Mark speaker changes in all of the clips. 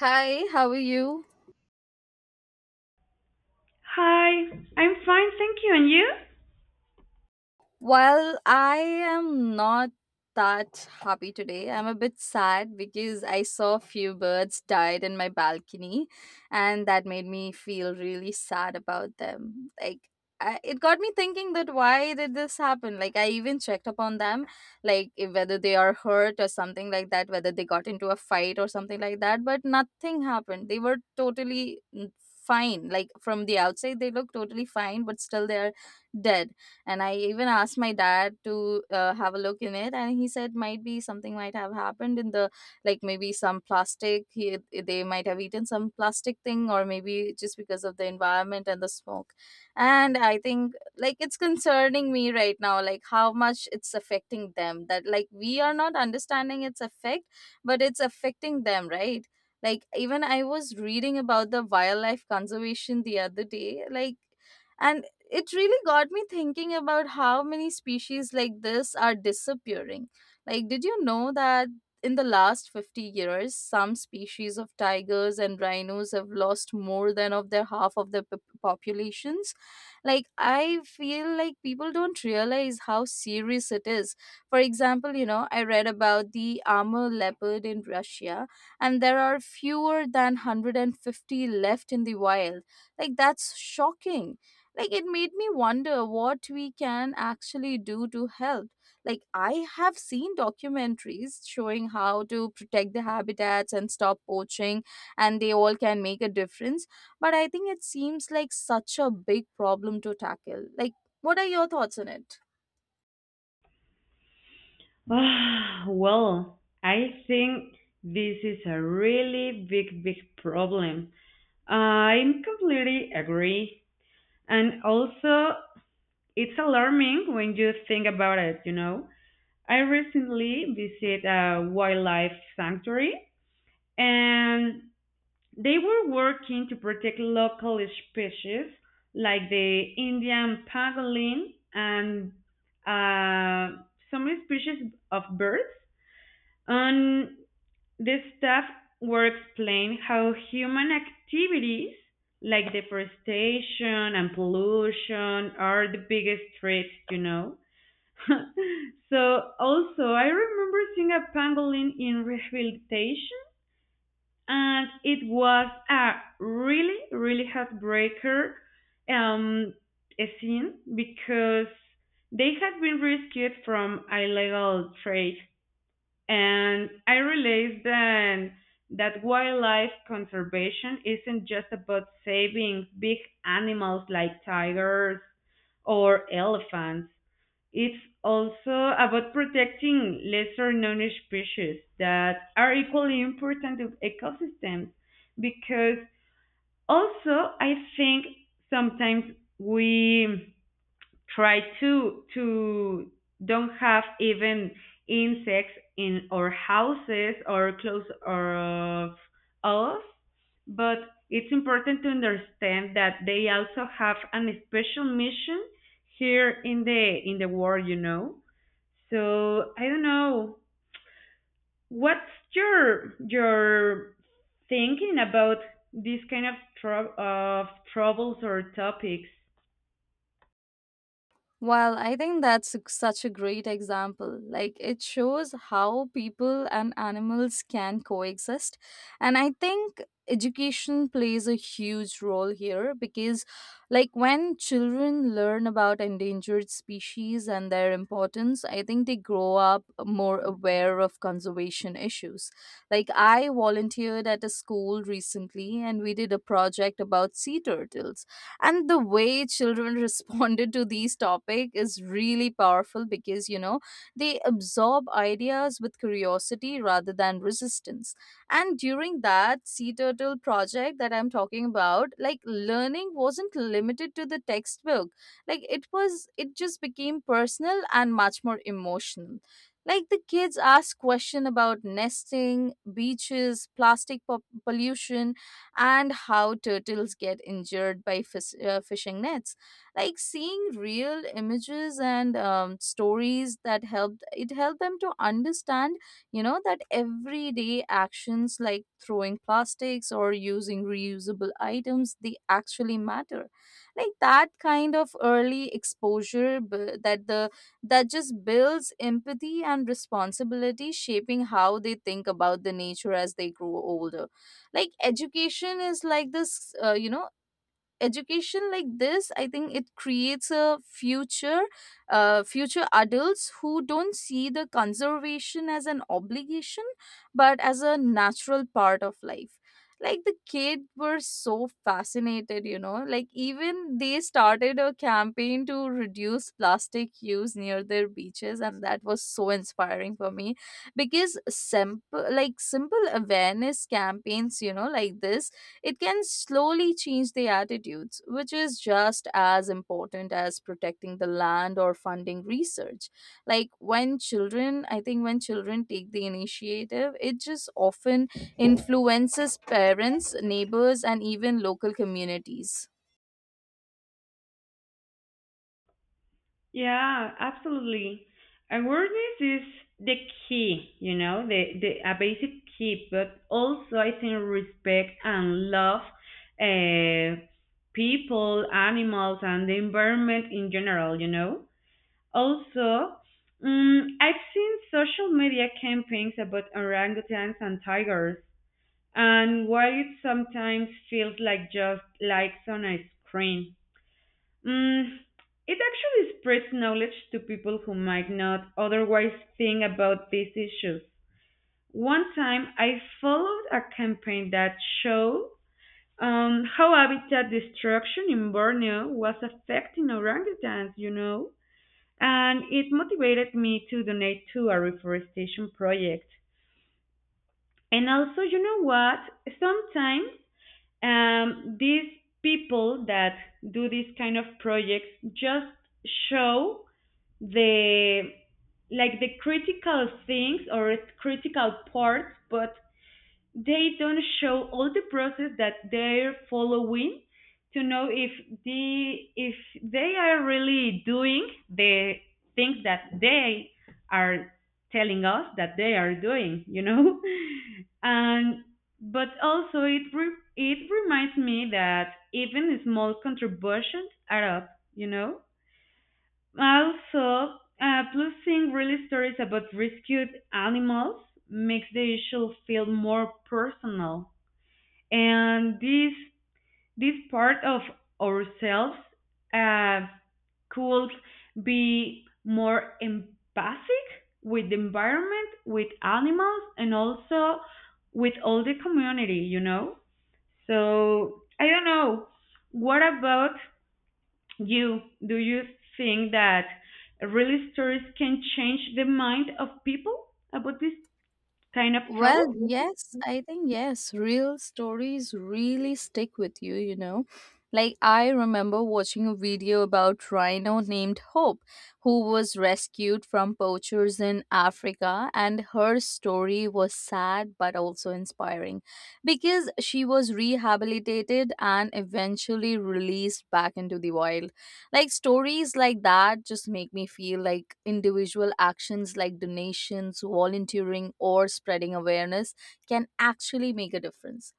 Speaker 1: Hi, how are you?
Speaker 2: Hi, I'm fine, thank you. And you?
Speaker 1: Well, I am not that happy today. I'm a bit sad because I saw a few birds died in my balcony, and that made me feel really sad about them. Like, it got me thinking that why did this happen? Like, I even checked upon them, like if, whether they are hurt or something like that, whether they got into a fight or something like that, but nothing happened. They were totally fine. Like, from the outside, they look totally fine, but still they are dead. And I even asked my dad to have a look in it, and he said might be something might have happened in the, like maybe some plastic they might have eaten some plastic thing, or maybe just because of the environment and the smoke. And I think like it's concerning me right now, like how much it's affecting them, that like we are not understanding its effect, but it's affecting them, right? Like even I was reading about the wildlife conservation the other day, like, and it really got me thinking about how many species like this are disappearing. Like, did you know that in the last 50 years, some species of tigers and rhinos have lost more than of their half of their populations? Like, I feel like people don't realize how serious it is. For example, I read about the armor leopard in Russia, and there are fewer than 150 left in the wild. Like, that's shocking. Like it made me wonder what we can actually do to help. Like, I have seen documentaries showing how to protect the habitats and stop poaching, and they all can make a difference, but I think it seems like such a big problem to tackle. Like, what are your thoughts on it?
Speaker 2: Well, I think this is a really big, big problem. I'm completely agree. And also, it's alarming when you think about it, you know. I recently visited a wildlife sanctuary and they were working to protect local species like the Indian pangolin and uh, some species of birds. And the staff were explaining how human activities like deforestation and pollution are the biggest threats, you know. So also, I remember seeing a pangolin in rehabilitation, and it was a really, really heartbreaker um a scene because they had been rescued from illegal trade, and I realized then that wildlife conservation isn't just about saving big animals like tigers or elephants. It's also about protecting lesser known species that are equally important to ecosystems. Because also I think sometimes we try to don't have even insects in our houses or close of us, but it's important to understand that they also have an special mission here in the world, you know. So I don't know. What's your thinking about these kind of trou of troubles or topics?
Speaker 1: Well, I think such a great example. Like, it shows how people and animals can coexist. And I think education plays a huge role here because, like, when children learn about endangered species and their importance, I think they grow up more aware of conservation issues. Like, I volunteered at a school recently and we did a project about sea turtles, and the way children responded to these topic is really powerful, because you know they absorb ideas with curiosity rather than resistance. And during that sea turtle project that I'm talking about, like learning wasn't limited to the textbook. Like it just became personal and much more emotional. Like the kids asked question about nesting beaches, plastic pollution, and how turtles get injured by fishing nets. Like seeing real images and stories that helped them to understand, you know, that everyday actions like throwing plastics or using reusable items, they actually matter. Like that kind of early exposure that just builds empathy and responsibility, shaping how they think about the nature as they grow older. Like education is like this, education like this, I think it creates a future, future adults who don't see the conservation as an obligation, but as a natural part of life. Like the kids were so fascinated, you know, like even they started a campaign to reduce plastic use near their beaches, and that was so inspiring for me. Because simple, like simple awareness campaigns, you know, like this, it can slowly change the attitudes, which is just as important as protecting the land or funding research. Like when children, I think when children take the initiative, it just often influences parents, neighbors, and even local communities.
Speaker 2: Yeah, absolutely. Awareness is the key, you know, the a basic key, but also I think respect and love, uh, people, animals, and the environment in general, you know. Also, I've seen social media campaigns about orangutans and tigers, and while it sometimes feels like just likes on a screen, mm, it actually spreads knowledge to people who might not otherwise think about these issues. One time, I followed a campaign that showed how habitat destruction in Borneo was affecting orangutans, you know? And it motivated me to donate to a reforestation project. And also, you know what? Sometimes these people that do these kind of projects just show the, like the critical things or critical parts, but they don't show all the process that they're following to know if the if they are really doing the things that they are telling us that they are doing, you know. and but also it reminds me that even small contributions are up, you know. Also, plus seeing real stories about rescued animals makes the issue feel more personal, and this part of ourselves uh, could be more empathic with the environment, with animals, and also with all the community. You know, so I don't know. What about you? Do you think that really stories can change the mind of people about this kind of
Speaker 1: Well,
Speaker 2: trouble?
Speaker 1: yes, I think yes, real stories really stick with you, you know. Like I remember watching a video about rhino named Hope, who was rescued from poachers in Africa, and her story was sad but also inspiring because she was rehabilitated and eventually released back into the wild. Like stories like that just make me feel like individual actions like donations, volunteering, or spreading awareness can actually make a difference.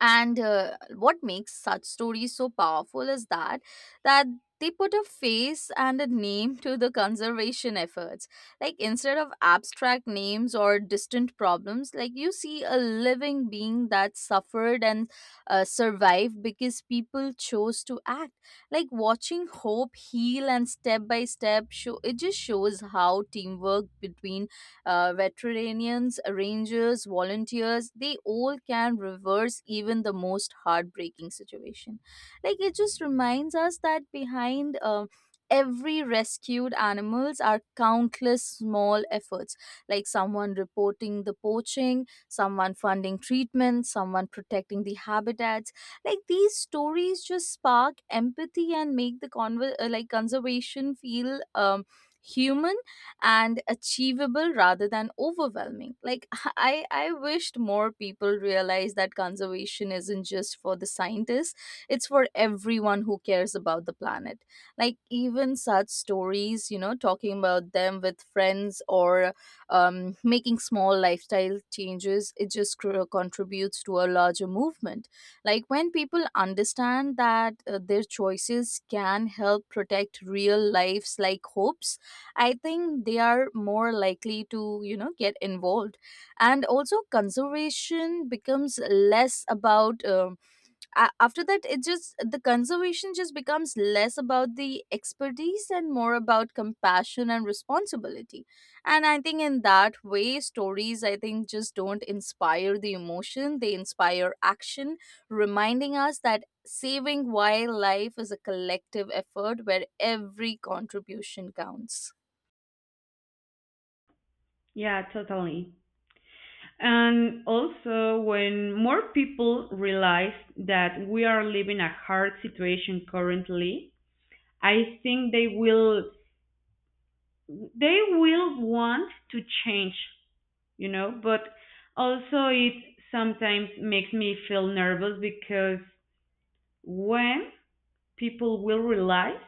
Speaker 1: And what makes such stories so powerful is that they put a face and a name to the conservation efforts. Like instead of abstract names or distant problems, like you see a living being that suffered and, survived because people chose to act. Like watching Hope heal and step by step show, it just shows how teamwork between, veterinarians, rangers, volunteers, they all can reverse even the most heartbreaking situation. Like it just reminds us that behind every rescued animals are countless small efforts, like someone reporting the poaching, someone funding treatment, someone protecting the habitats. Like these stories just spark empathy and make the like conservation feel human and achievable rather than overwhelming. Like I wished more people realize that conservation isn't just for the scientists, it's for everyone who cares about the planet. Like even such stories, you know, talking about them with friends, or making small lifestyle changes, it just contributes to a larger movement. Like when people understand that their choices can help protect real lives like Hope's, I think they are more likely to, you know, get involved. And also, conservation becomes less about, after that, it just, the conservation just becomes less about the expertise and more about compassion and responsibility. And I think in that way, stories, I think, just don't inspire the emotion, they inspire action, reminding us that saving wildlife is a collective effort where every contribution counts.
Speaker 2: Yeah, totally. And also, when more people realize that we are living a hard situation currently, I think they will want to change, you know. But also it sometimes makes me feel nervous because when people will realize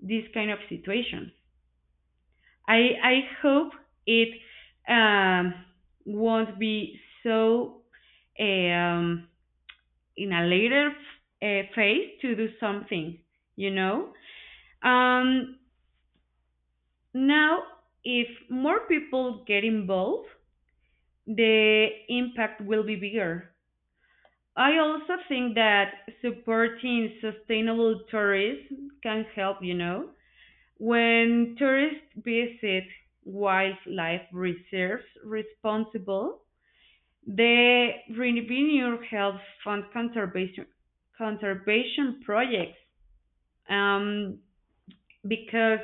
Speaker 2: this kind of situations. I hope it um, won't be so, um, in a later phase to do something, you know? Um, now, if more people get involved, the impact will be bigger. I also think that supporting sustainable tourism can help, you know. When tourists visit wildlife reserves responsible, the revenue helps fund conservation projects. Um, because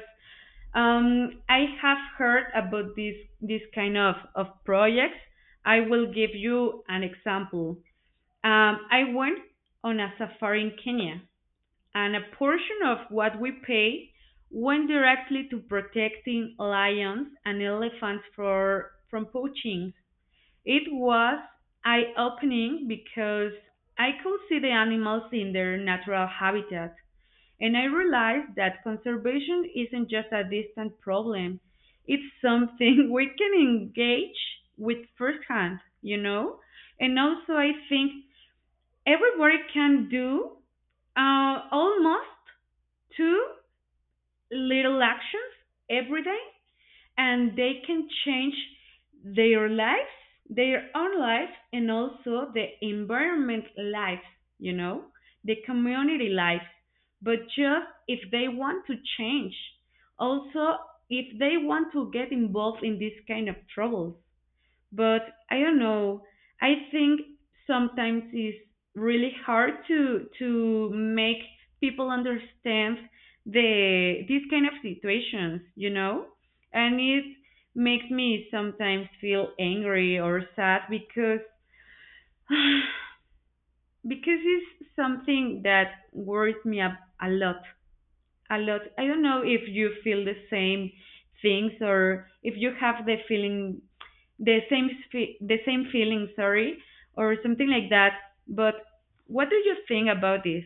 Speaker 2: I have heard about this kind of projects. I will give you an example. I went on a safari in Kenya, and a portion of what we pay went directly to protecting lions and elephants from poaching. It was eye opening because I could see the animals in their natural habitat, and I realized that conservation isn't just a distant problem. It's something we can engage with firsthand, you know? And also I think everybody can do almost two little actions every day, and they can change their lives, their own lives, and also the environment life, you know, the community life. But just if they want to change, also if they want to get involved in this kind of troubles. But I don't know. I think sometimes it's really hard to make people understand these kind of situations, you know? And it makes me sometimes feel angry or sad because because it's something that worries me a lot, a lot. I don't know if you feel the same things or if you have the feeling, the same the same feeling, sorry, or something like that. But what do you think about this?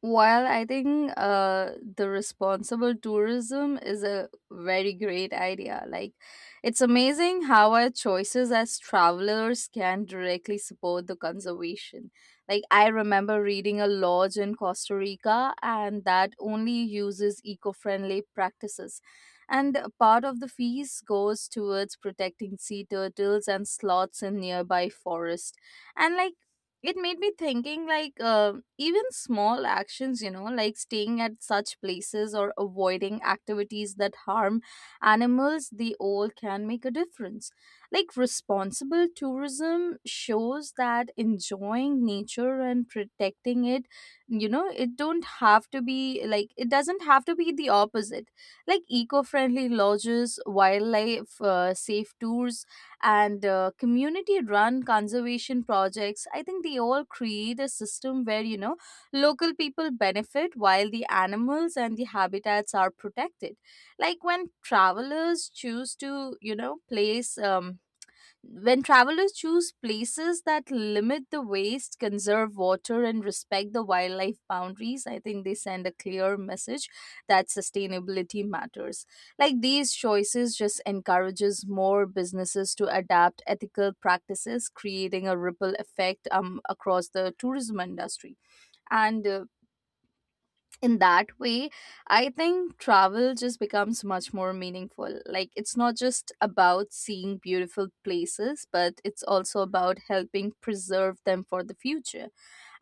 Speaker 1: While I think the responsible tourism is a very great idea. Like, it's amazing how our choices as travelers can directly support the conservation. Like, I remember reading a lodge in Costa Rica and that only uses eco friendly practices. And part of the fees goes towards protecting sea turtles and sloths in nearby forest. And like it made me thinking like, even small actions, you know, like staying at such places or avoiding activities that harm animals, they all can make a difference. Like responsible tourism shows that enjoying nature and protecting it, you know, it doesn't have to be the opposite. Like eco-friendly lodges, wildlife safe tours, and community run conservation projects, I think they all create a system where, you know, local people benefit while the animals and the habitats are protected. Like when travelers choose places that limit the waste, conserve water, and respect the wildlife boundaries, I think they send a clear message that sustainability matters. Like these choices just encourages more businesses to adapt ethical practices, creating a ripple effect across the tourism industry. And in that way, I think travel just becomes much more meaningful. Like it's not just about seeing beautiful places, but it's also about helping preserve them for the future.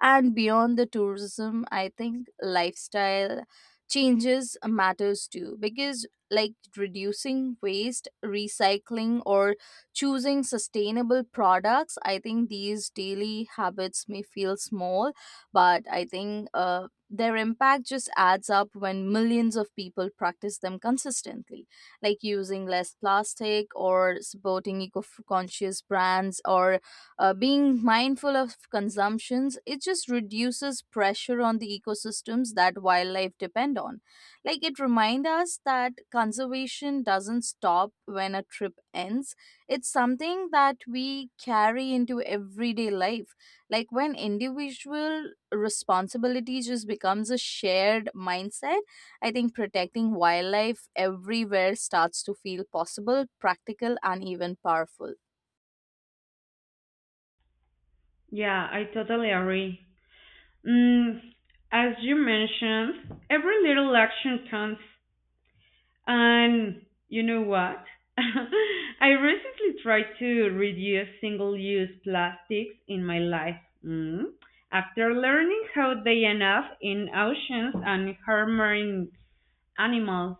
Speaker 1: And beyond the tourism, I think lifestyle changes matters too, because like reducing waste, recycling, or choosing sustainable products, I think these daily habits may feel small, but I think their impact just adds up when millions of people practice them consistently. Like using less plastic, or supporting eco-conscious brands, or being mindful of consumptions, it just reduces pressure on the ecosystems that wildlife depend on. Like it reminds us that conservation doesn't stop when a trip ends, it's something that we carry into everyday life. Like when individual responsibility just becomes a shared mindset, I think protecting wildlife everywhere starts to feel possible, practical, and even powerful.
Speaker 2: Yeah, I totally agree. Mm, as you mentioned, every little action counts. And you know what? I recently tried to reduce single-use plastics in my life. Mm. After learning how they end up in oceans and harming animals,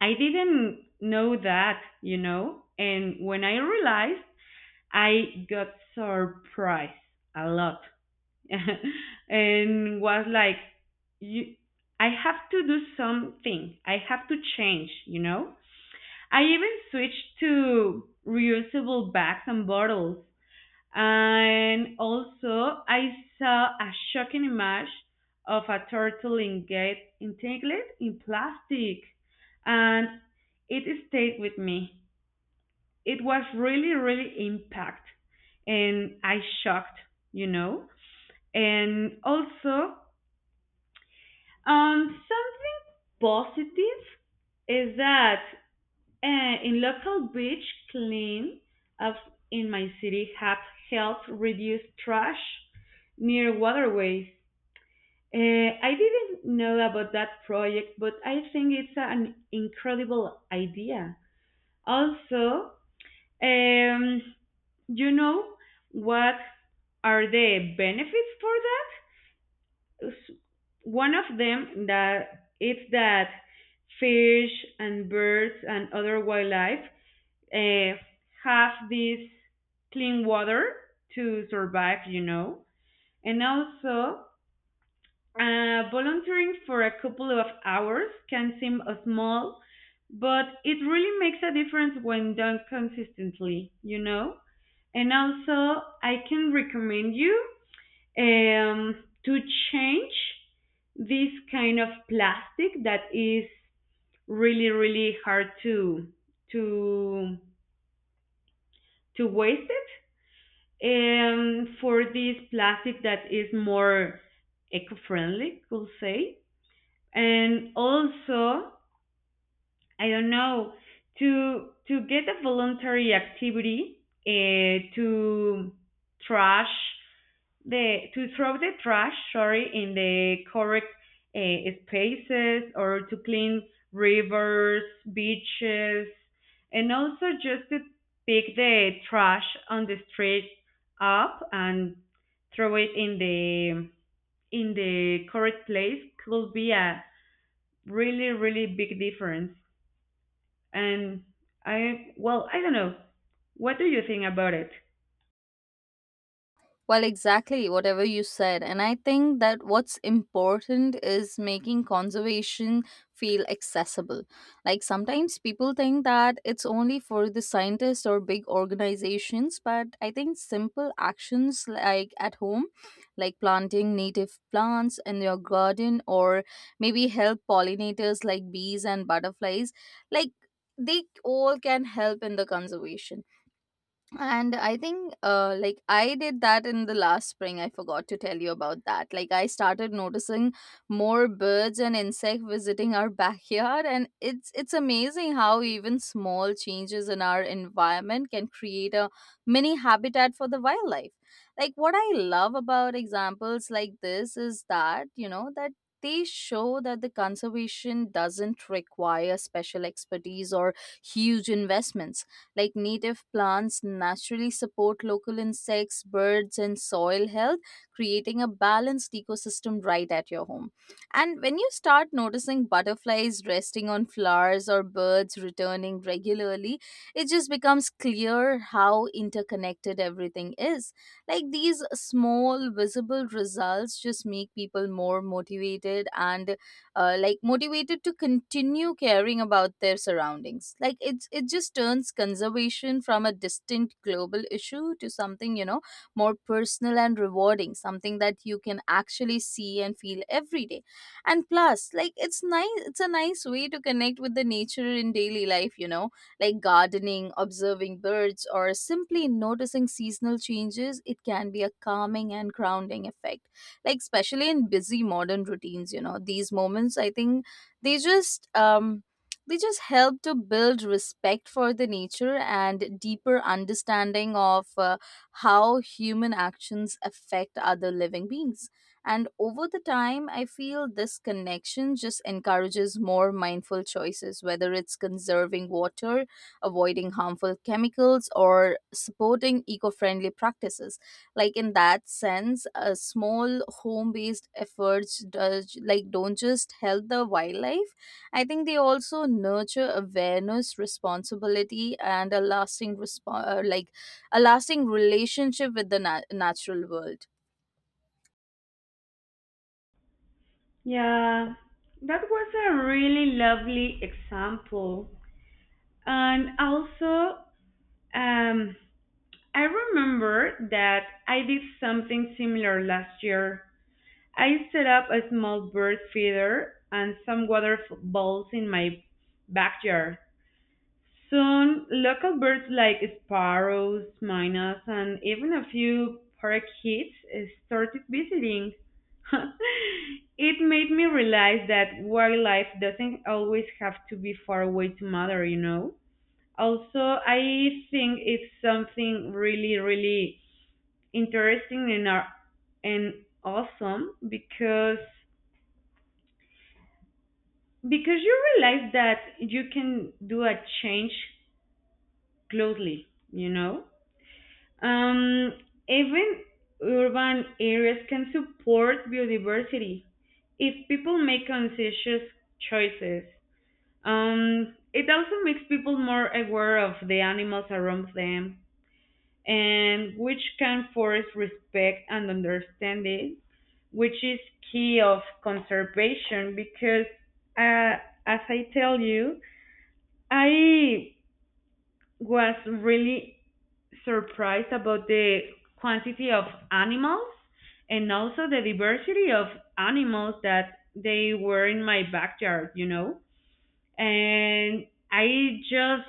Speaker 2: I didn't know that, you know. And when I realized, I got surprised a lot, and was like, "You, I have to do something. I have to change," you know. I even switched to reusable bags and bottles. And also, I saw a shocking image of a turtle engaged entangled in plastic, and it stayed with me. It was really, really impact, and I shocked, you know. And also, something positive is that in local beach clean ups in my city have helped reduce trash near waterways. Uh, I didn't know about that project, but I think it's an incredible idea. Also, um, you know what are the benefits for that? One of them that it's that fish and birds and other wildlife uh, have this clean water to survive, you know. And also, volunteering for a couple of hours can seem small, but it really makes a difference when done consistently, you know. And also, I can recommend you to change this kind of plastic that is really, really hard to to waste it, for this plastic that is more eco-friendly, we'll say. And also I don't know, to get a voluntary activity to trash the to throw the trash, sorry, in the correct spaces, or to clean rivers, beaches, and also just to pick the trash on the street up and throw it in the correct place could be a really, really big difference. And I, well, I don't know. What do you think about it?
Speaker 1: Well, exactly, whatever you said. And I think that what's important is making conservation feel accessible. Like sometimes people think that it's only for the scientists or big organizations, but I think simple actions like at home, like planting native plants in your garden, or maybe help pollinators like bees and butterflies, like they all can help in the conservation. And I think like I did that in the last spring, I forgot to tell you about that. Like I started noticing more birds and insect visiting our backyard, and it's amazing how even small changes in our environment can create a mini habitat for the wildlife. Like what I love about examples like this is that, you know, that they show that the conservation doesn't require special expertise or huge investments. Like native plants naturally support local insects, birds, and soil health, creating a balanced ecosystem right at your home. And when you start noticing butterflies resting on flowers or birds returning regularly, it just becomes clear how interconnected everything is. Like these small, visible results just make people more motivated and motivated to continue caring about their surroundings. Like it just turns conservation from a distant global issue to something, more personal and rewarding, something that you can actually see and feel every day. And plus, like, it's nice, it's a nice way to connect with the nature in daily life. Like gardening, observing birds, or simply noticing seasonal changes, it can be a calming and grounding effect, like especially in busy modern routines. These moments, I think, they just um they just help to build respect for the nature and deeper understanding of how human actions affect other living beings. And over the time, I feel this connection just encourages more mindful choices, whether it's conserving water, avoiding harmful chemicals, or supporting eco-friendly practices. Like in that sense, a small home based efforts does, like, don't just help the wildlife. I think they also nurture awareness, responsibility, and a lasting a lasting relationship with the natural world.
Speaker 2: Yeah, that was a really lovely example. And also, um, I remember that I did something similar last year. I set up a small bird feeder and some water balls in my backyard. Soon, local birds like sparrows, minnows, and even a few parakeets started visiting. It made me realize that wildlife doesn't always have to be far away to matter, you know? Also, I think it's something really, really interesting, and awesome because you realize that you can do a change closely, you know? Um, even urban areas can support biodiversity if people make conscious choices. It also makes people more aware of the animals around them, and which can force respect and understanding, which is key of conservation because, uh, as I tell you, I was really surprised about the quantity of animals, and also the diversity of animals that they were in my backyard, you know? And I just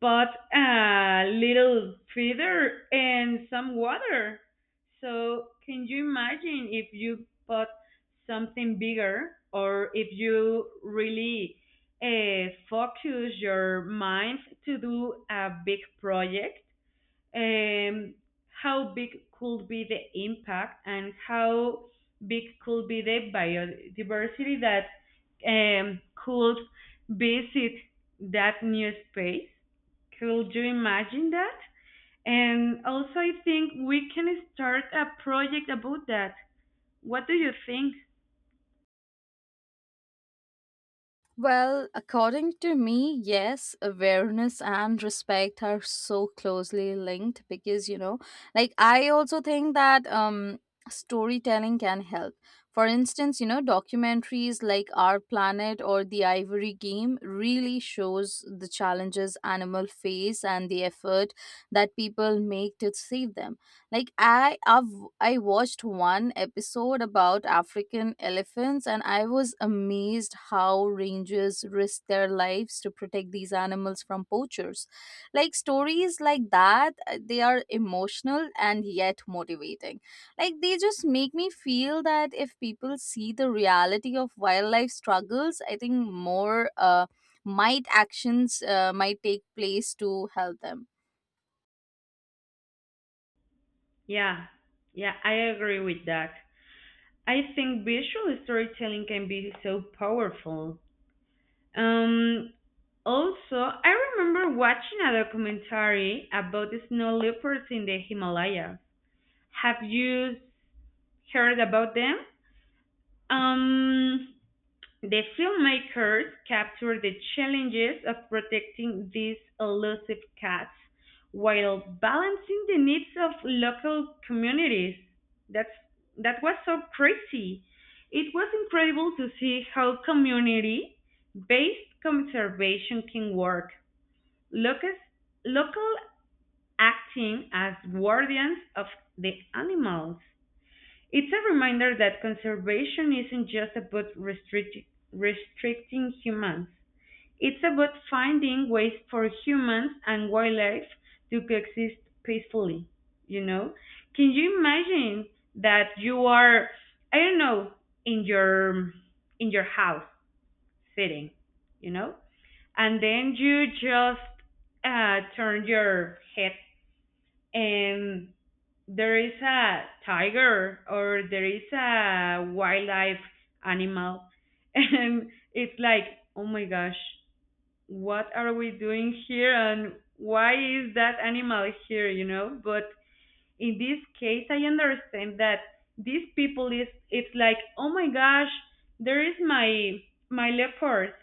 Speaker 2: bought a little feeder and some water. So, can you imagine if you bought something bigger, or if you really focus your mind to do a big project? um, how big could be the impact, and how big could be the biodiversity that could visit that new space? Could you imagine that? And also, I think we can start a project about that. What do you think?
Speaker 1: Well, according to me, yes, awareness and respect are so closely linked because, you know, like, I also think that storytelling can help. For instance, you know, documentaries like Our Planet or The Ivory Game really shows the challenges animal face and the effort that people make to save them. Like I watched one episode about African elephants, and I was amazed how rangers risk their lives to protect these animals from poachers. Like stories like that, they are emotional and yet motivating. Like they just make me feel that if people see the reality of wildlife struggles, I think more might actions might take place to help them.
Speaker 2: Yeah, yeah, I agree with that. I think visual storytelling can be so powerful. Um, also, I remember watching a documentary about the snow leopards in the Himalaya. Have you heard about them? Um, the filmmakers capture the challenges of protecting these elusive cats while balancing the needs of local communities. That's that was so crazy. It was incredible to see how community based conservation can work. Locus, local acting as guardians of the animals. It's a reminder that conservation isn't just about restricting humans. It's about finding ways for humans and wildlife to coexist peacefully, you know? Can you imagine that you are, I don't know, in your house sitting, you know? And then you just turn your head, and there is a tiger, or there is a wildlife animal, and it's like, oh my gosh, what are we doing here, and why is that animal here, you know? But in this case I understand that these people is, it's like, oh my gosh, there is my leopard,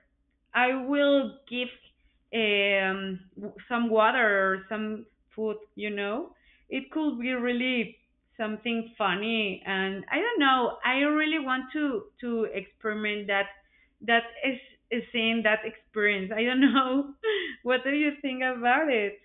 Speaker 2: I will give um some water or some food, you know. It could be really something funny, and I don't know, I really want to experiment that. That is in that experience, I don't know. What do you think about it?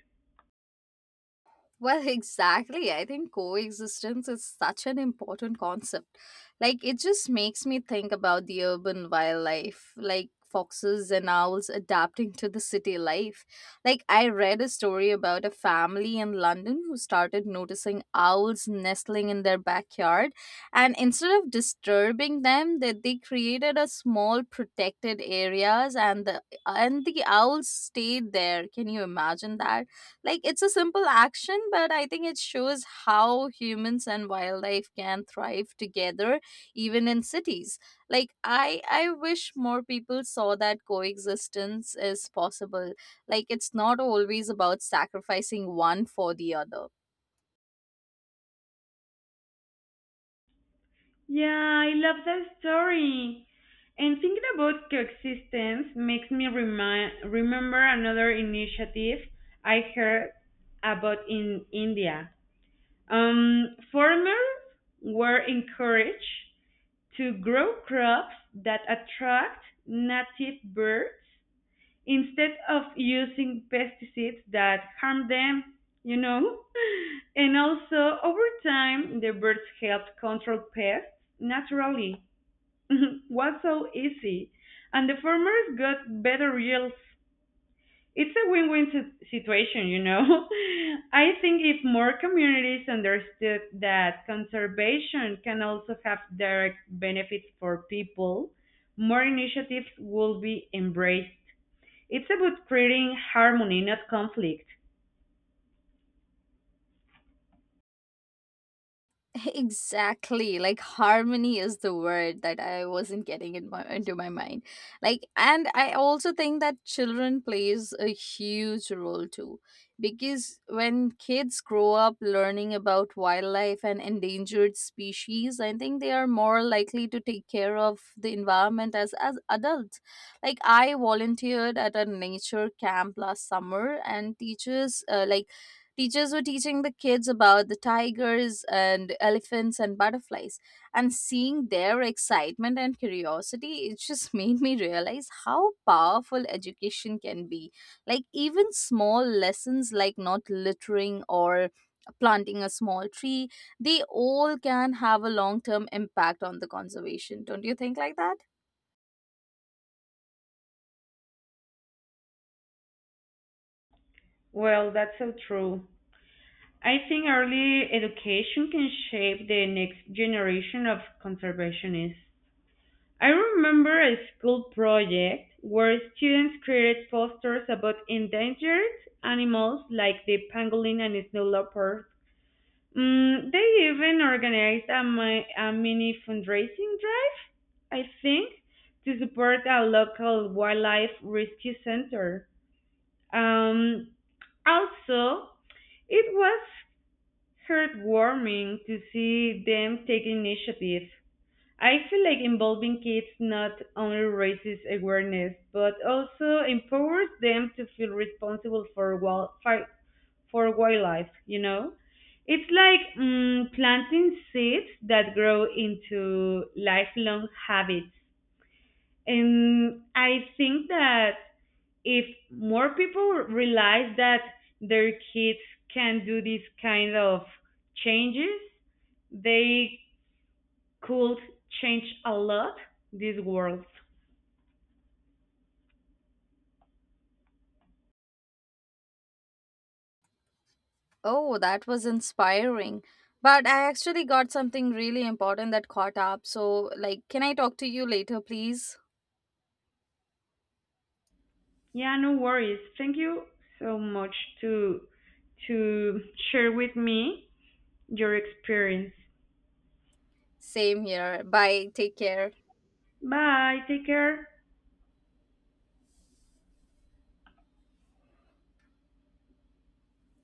Speaker 1: Well, exactly. I think coexistence is such an important concept. Like, it just makes me think about the urban wildlife, like foxes and owls adapting to the city life. Like, I read a story about a family in London who started noticing owls nestling in their backyard, and instead of disturbing them, that they created a small protected areas, and the owls stayed there. Can you imagine that? Like it's a simple action, but I think it shows how humans and wildlife can thrive together even in cities. Like I wish more people saw that coexistence is possible. Like it's not always about sacrificing one for the other.
Speaker 2: Yeah, I love that story. And thinking about coexistence makes me remember another initiative I heard about in India. Farmers were encouraged to grow crops that attract native birds instead of using pesticides that harm them, you know? And also, over time, the birds helped control pests naturally. Was so easy, and the farmers got better yields. It's a win-win situation, you know. I think if more communities understood that conservation can also have direct benefits for people, more initiatives will be embraced. It's about creating harmony, not conflict.
Speaker 1: Exactly. Like harmony is the word that I wasn't getting into my mind. Like, and I also think that children plays a huge role too, because when kids grow up learning about wildlife and endangered species, I think they are more likely to take care of the environment as adults. Like I volunteered at a nature camp last summer and teachers were teaching the kids about the tigers and elephants and butterflies, and seeing their excitement and curiosity, it just made me realize how powerful education can be. Like, even small lessons like not littering or planting a small tree, they all can have a long term impact on the conservation. Don't you think like that?
Speaker 2: Well, that's so true. I think early education can shape the next generation of conservationists. I remember a school project where students created posters about endangered animals like the pangolin and snow leopard. They even organized a mini fundraising drive, I think, to support a local wildlife rescue center. Um, also, it was heartwarming to see them take initiative. I feel like involving kids not only raises awareness but also empowers them to feel responsible for for wildlife. You know, it's like, planting seeds that grow into lifelong habits, and I think that if more people realize that their kids can do these kind of changes, they could change a lot these worlds.
Speaker 1: Oh, that was inspiring. But I actually got something really important that caught up. So, like, can I talk to you later, please?
Speaker 2: Yeah, no worries. Thank you so much to to share with me your experience.
Speaker 1: Same here. Bye. Take care.
Speaker 2: Bye. Take care.